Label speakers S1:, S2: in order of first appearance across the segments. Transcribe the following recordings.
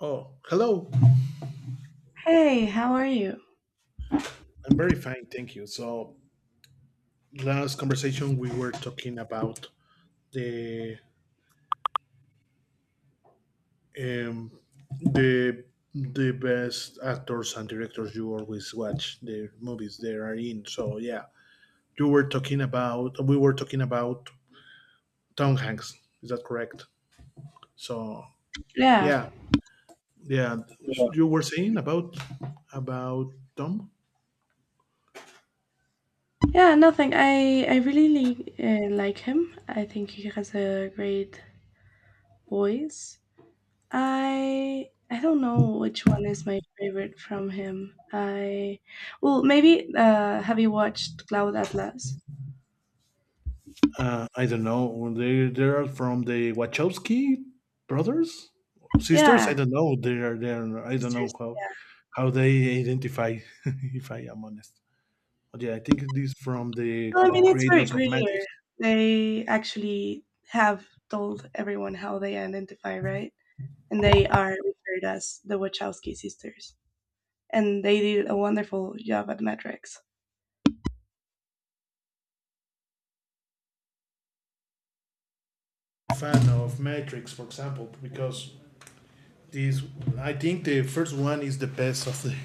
S1: Oh, hello.
S2: Hey, how are you?
S1: I'm very fine, thank you. So, last conversation we were talking about the um, the the best actors and directors you always watch the movies they are in. So, yeah, you were talking about we were talking about Tom Hanks. Is that correct? So,
S2: Yeah,
S1: yeah, yeah, you were saying about Tom.
S2: yeah, Nothing. I really like him. I think he has a great voice. I don't know which one is my favorite from him. I well, maybe have you watched Cloud Atlas?
S1: I don't know. They're from the Wachowski brothers, sisters.
S2: Yeah,
S1: I don't know. They're they're. I don't know
S2: sisters. Yeah.
S1: how they identify. If I am honest, but yeah, I think it is from the
S2: Well, I mean, it's very
S1: creators of Matrix.
S2: clear. They actually have told everyone how they identify, right? And they are referred as the Wachowski sisters. And they did a wonderful job at metrics.
S1: Fan of Matrix, for example, because this I think the first one is the best of the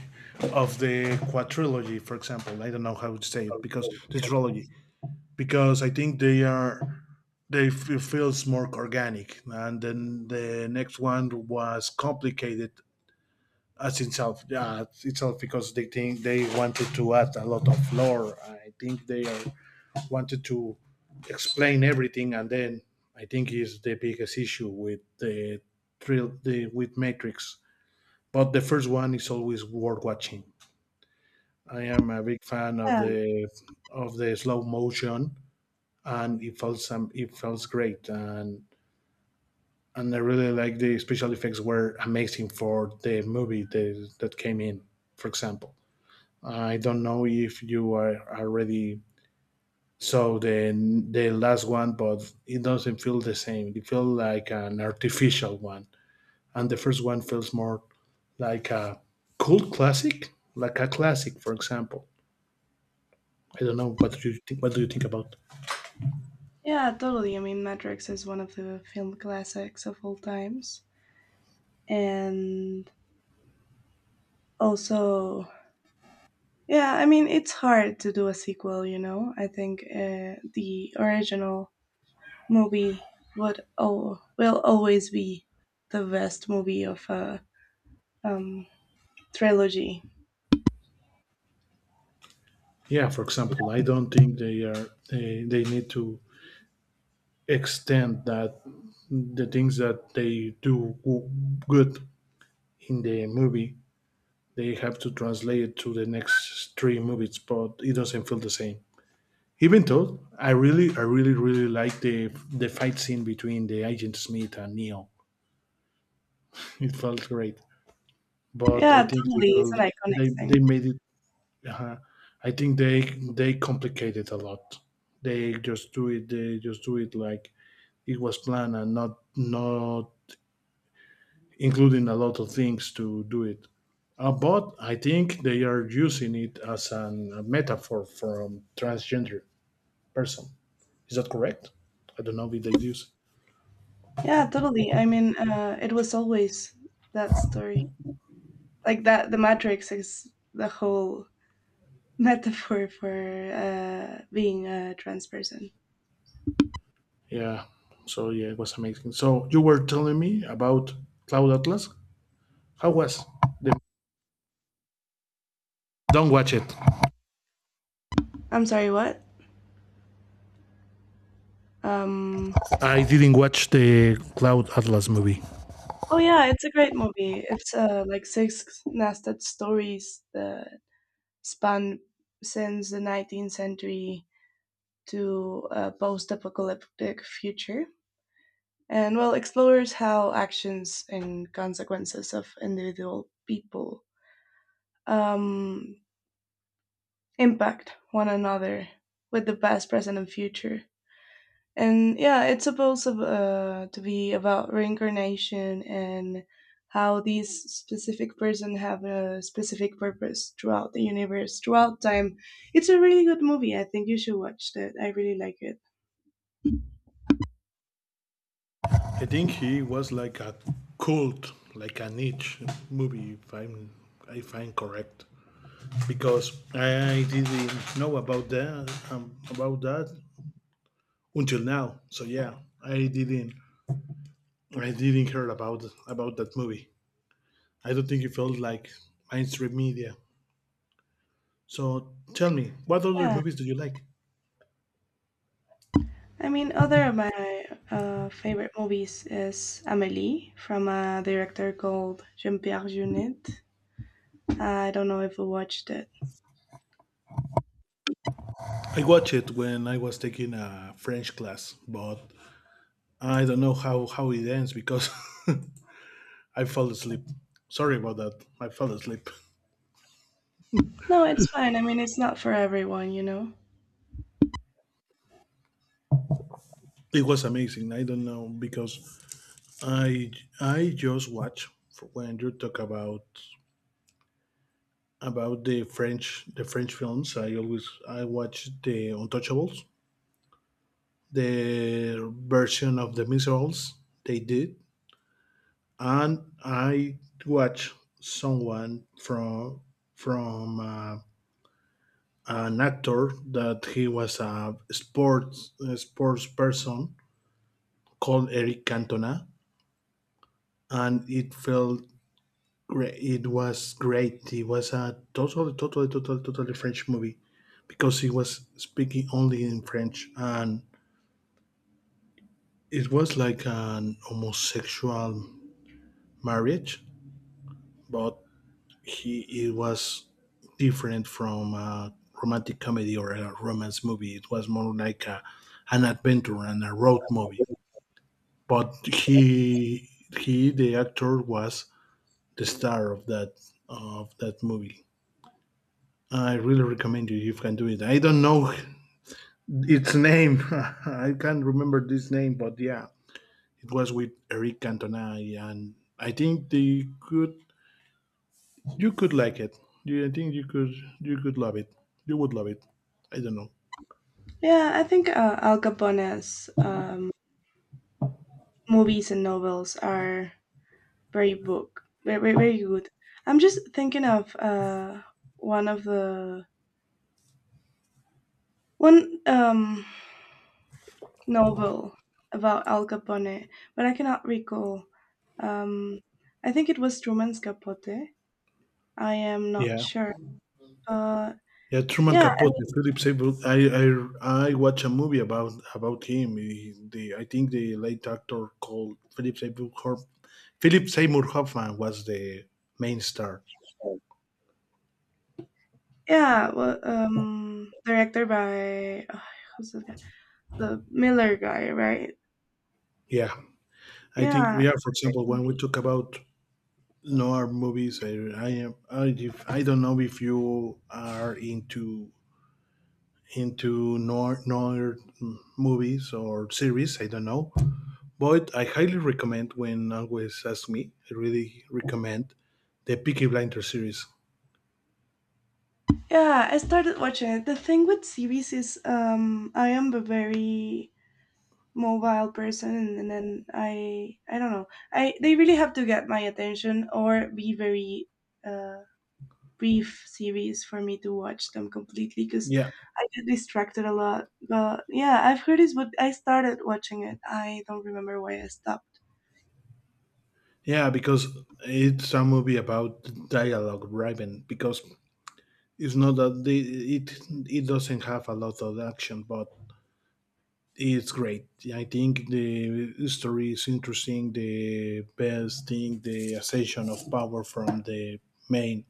S1: of the quadrilogy, for example. I don't know how to say it because
S2: Okay.
S1: the trilogy, because I think they are they f- it feels more organic, and then the next one was complicated as itself, yeah, itself, because they think they wanted to add a lot of lore. I think wanted to explain everything, and then I think is the biggest issue with the with Matrix. But the first one is always worth watching. I am a big fan
S2: Yeah,
S1: of the slow motion, and it feels great, and I really like the special effects were amazing for the movie that came in. For example, I don't know if you are already saw the last one, but it doesn't feel the same. It feels like an artificial one, and the first one feels more like a cult classic, like a classic. For example, I don't know what do you think. What do you think about?
S2: yeah, totally. I mean, Matrix is one of the film classics of all times, and also, yeah, I mean, it's hard to do a sequel. You know, I think the original movie would oh will always be the best movie of a um, trilogy.
S1: Yeah, for example, I don't think they need to extend that the things that they do good in the movie. They have to translate it to the next three movies, but it doesn't feel the same. Even though I really really like the fight scene between the agent Smith and Neo. It felt great. But I
S2: Yeah,
S1: think they
S2: totally. It's
S1: felt
S2: an iconic
S1: they
S2: thing.
S1: made it uh, I think they complicate it a lot. They just do it like it was planned, and not including a lot of things to do it. But I think they are using it as a metaphor from transgender person. Is that correct? I don't know if they use.
S2: Yeah, totally. I mean, it was always that story, like that the matrix is the whole metaphor for being a trans person.
S1: Yeah. So yeah, it was amazing. So you were telling me about Cloud Atlas. How was? The- don't watch it.
S2: I'm sorry, what? um
S1: I didn't watch the Cloud Atlas movie.
S2: oh yeah, it's a great movie. It's like six nested stories that span since the 19th century to a post-apocalyptic future, and well explores how actions and consequences of individual people um, impact one another, with the past, present, and future. And yeah, it's supposed of, to be about reincarnation and how these specific person have a specific purpose throughout the universe, throughout time. It's a really good movie. I think you should watch that. I really like it.
S1: I think he was like a cult, like a niche movie. If I'm correct. Because I didn't know about that until now. So yeah, I didn't I didn't hear about that movie. I don't think it felt like mainstream media. So tell me, what other
S2: Yeah.
S1: movies do you like?
S2: I mean, other of my favorite movies is Amélie from a director called Jean-Pierre Jeunet. I don't know if you watched it.
S1: I watched it when I was taking a French class, but I don't know how it ends because I fell asleep. Sorry about that. I fell asleep.
S2: No, it's fine. I mean, it's not for everyone, you know.
S1: It was amazing. I don't know because I I just watch for when you talk about the French films. I always I watch The Untouchables, the version of the Miserables they did, and I watch someone from an actor that he was a sports person called Eric Cantona, and it felt great. It was great. It was a totally French movie because he was speaking only in French, and it was like an homosexual marriage, but he it was different from a romantic comedy or a romance movie. It was more like an adventure and a road movie. But he the actor was the star of that movie. I really recommend you if you can do it. I don't know its name. I can't remember this name, but yeah, it was with Eric Cantona, and I think they could. You could like it. You, I think you could. You could love it. You would love it. I don't know.
S2: Yeah, I think Al Capone's movies and novels are very book very very, very good. I'm just thinking of one of the one novel about Al Capone, but I cannot recall. Um, I think it was Truman's Capote. I am not
S1: Yeah,
S2: sure. Uh,
S1: yeah. Truman
S2: yeah,
S1: Capote, Philip Seymour. I I watch a movie about him. He- the I think the late actor called Philip Seymour Hoffman was the main star.
S2: yeah. Well, directed by who's the guy? The Miller guy, right?
S1: Yeah. I think
S2: Yeah,
S1: we are, for
S2: it's a great
S1: example, when we
S2: movie.
S1: talk about noir movies, I don't know if you are into noir movies or series. I don't know, but I highly recommend. When always ask me, I really recommend the Peaky Blinder series.
S2: Yeah, I started watching it. The thing with series is I am a very mobile person, and then I don't know. I they really have to get my attention or be very uh brief series for me to watch them completely, cuz
S1: Yeah,
S2: I get distracted a lot. But yeah, I've heard it's but I started watching it. I don't remember why I stopped.
S1: yeah, because it's a movie about dialogue driven. Because it's not that they, it doesn't have a lot of action, but it's great. I think the story is interesting. The best thing, the ascension of power from the main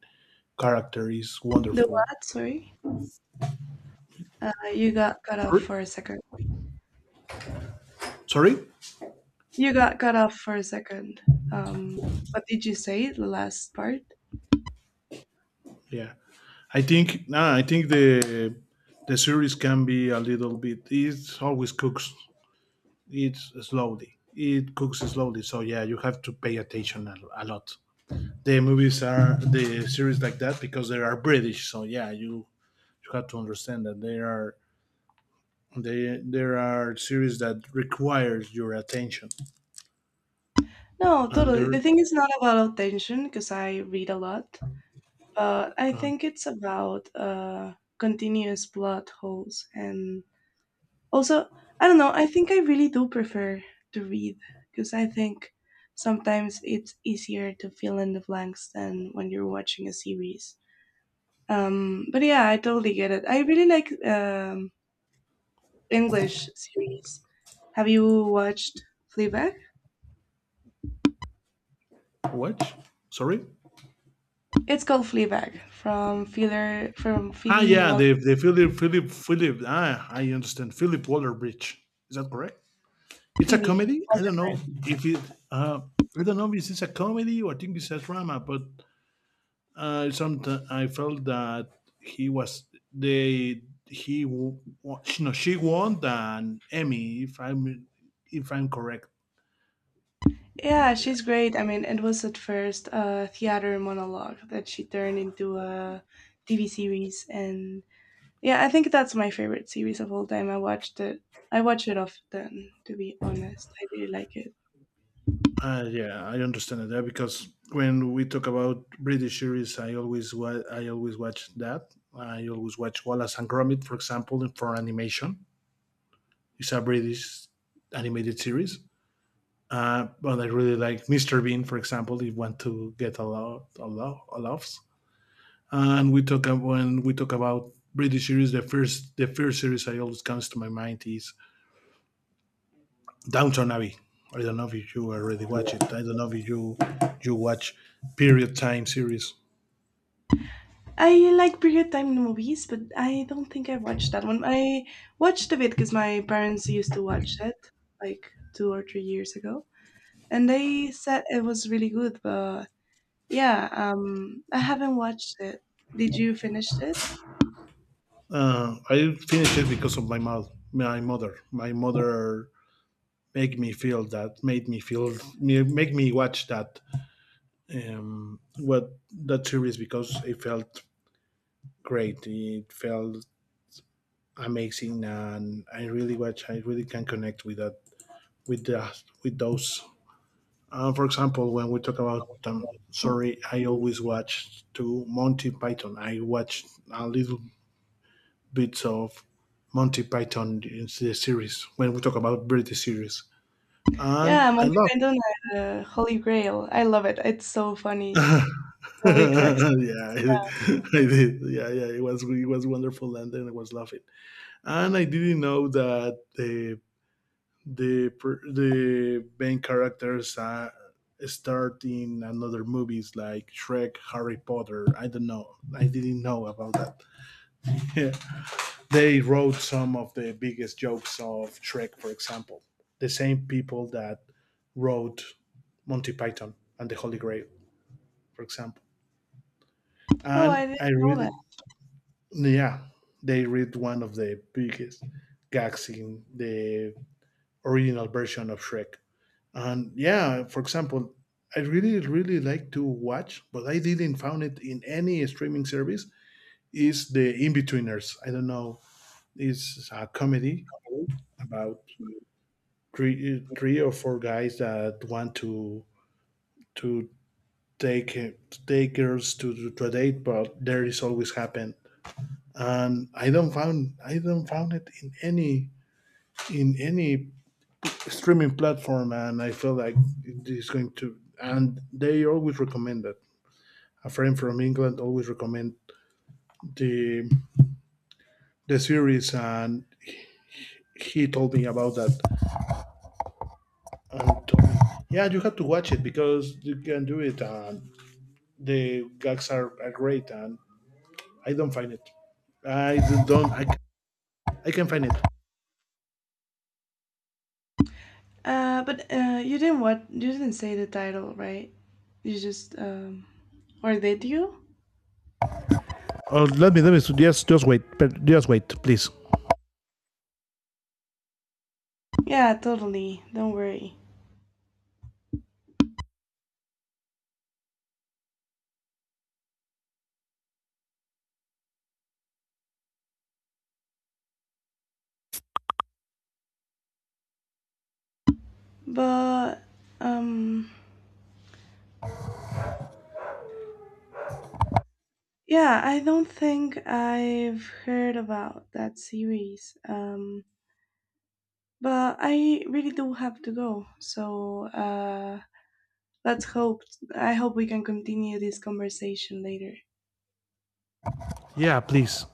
S1: character is
S2: The
S1: wonderful.
S2: what? Sorry. You got cut off
S1: Sorry,
S2: for a second.
S1: sorry.
S2: You got cut off for a second. Um what did you say the last part?
S1: Yeah, I think. No. I think the series can be a little bit. It always cooks. It's slowly. It cooks slowly. So yeah, you have to pay attention a lot. The movies are the series like that because they are British. So yeah, you have to understand that they are they, there are series that requires your attention.
S2: No,
S1: And
S2: totally.
S1: there,
S2: The thing is not about attention because I read a lot, but I
S1: uh,
S2: think it's about continuous plot holes. And also, I don't know, I think I really do prefer to read because I think sometimes it's easier to fill in the blanks than when you're watching a series. But yeah, I totally get it. I really like English series. Have you watched Fleabag?
S1: what? Sorry.
S2: It's called Fleabag from Feeler from
S1: Ah,
S2: Phoebe
S1: yeah,
S2: Waller.
S1: the Philip. Ah, I understand. Philip Waller Bridge. Is that correct? It's a
S2: Phoebe.
S1: comedy. I don't know if it. Uh, I don't know if it's a comedy, or I think it's a drama. But sometimes I felt that he was they he w- wa- no she won an Emmy if I'm correct.
S2: Yeah, she's great. I mean, it was at first a theater monologue that she turned into a TV series, and yeah, I think that's my favorite series of all time. I watched it. I watch it often, to be honest. I really like it.
S1: Yeah, I understand that because when we talk about British series, I always watch that. I always watch Wallace and Gromit, for example, and for animation. It's a British animated series. But I really like Mr. Bean, for example, if you want to get a lot, a lot, a laughs. And we talk when we talk about British series, the first series I always comes to my mind is Downton Abbey. I don't know if you already watch it. I don't know if you watch period time series.
S2: I like period time movies, but I don't think I watched that one. I watched a bit because my parents used to watch it like 2 or 3 years ago, and they said it was really good, but yeah, I haven't watched it. Did you finish it?
S1: I finished it because of my my mother. My mother make me feel that, made me feel, make me watch um, what that series because it felt great. It felt amazing, and I really watch. I really can connect with that, with the, with those. For example, when we talk about, sorry, I always watch to Monty Python. I watch a little bits of Monty Python in the series when we talk about British series, and
S2: Yeah,
S1: I
S2: Monty
S1: love.
S2: Python and Holy Grail. I love it. It's so funny.
S1: Yeah,
S2: Holy cracks.
S1: I, I did. Yeah, yeah, it was wonderful, and then I was laughing, and I didn't know that the the main characters start in another movies like Shrek, Harry Potter. I don't know. I didn't know about that. Yeah. They wrote some of the biggest jokes of Shrek, for example. The same people that wrote Monty Python and the Holy Grail, for example.
S2: Oh,
S1: And
S2: I didn't
S1: I
S2: know that.
S1: really, yeah, they read one of the biggest gags in the original version of Shrek. And yeah, for example, I really, really like to watch, but I didn't found it in any streaming service, is The Inbetweeners? I don't know. It's a comedy about three or four guys that want to to take girls to a date, but there is always happen. And I don't found it in any streaming platform, and I feel like it is going to. And they always recommend it. A friend from England always recommend the the series, and he told me about that. And told me, yeah, you have to watch it because you can do it, and the gags are great. And I don't find it. I don't. I can find it.
S2: But you didn't what? You didn't say the title, right? You just or did you?
S1: Oh, let me. Just wait. Just wait, please.
S2: Yeah, totally. Don't worry. But um, yeah, I don't think I've heard about that series. But I really do have to go. So let's hope. I hope we can continue this conversation later.
S1: Yeah, please.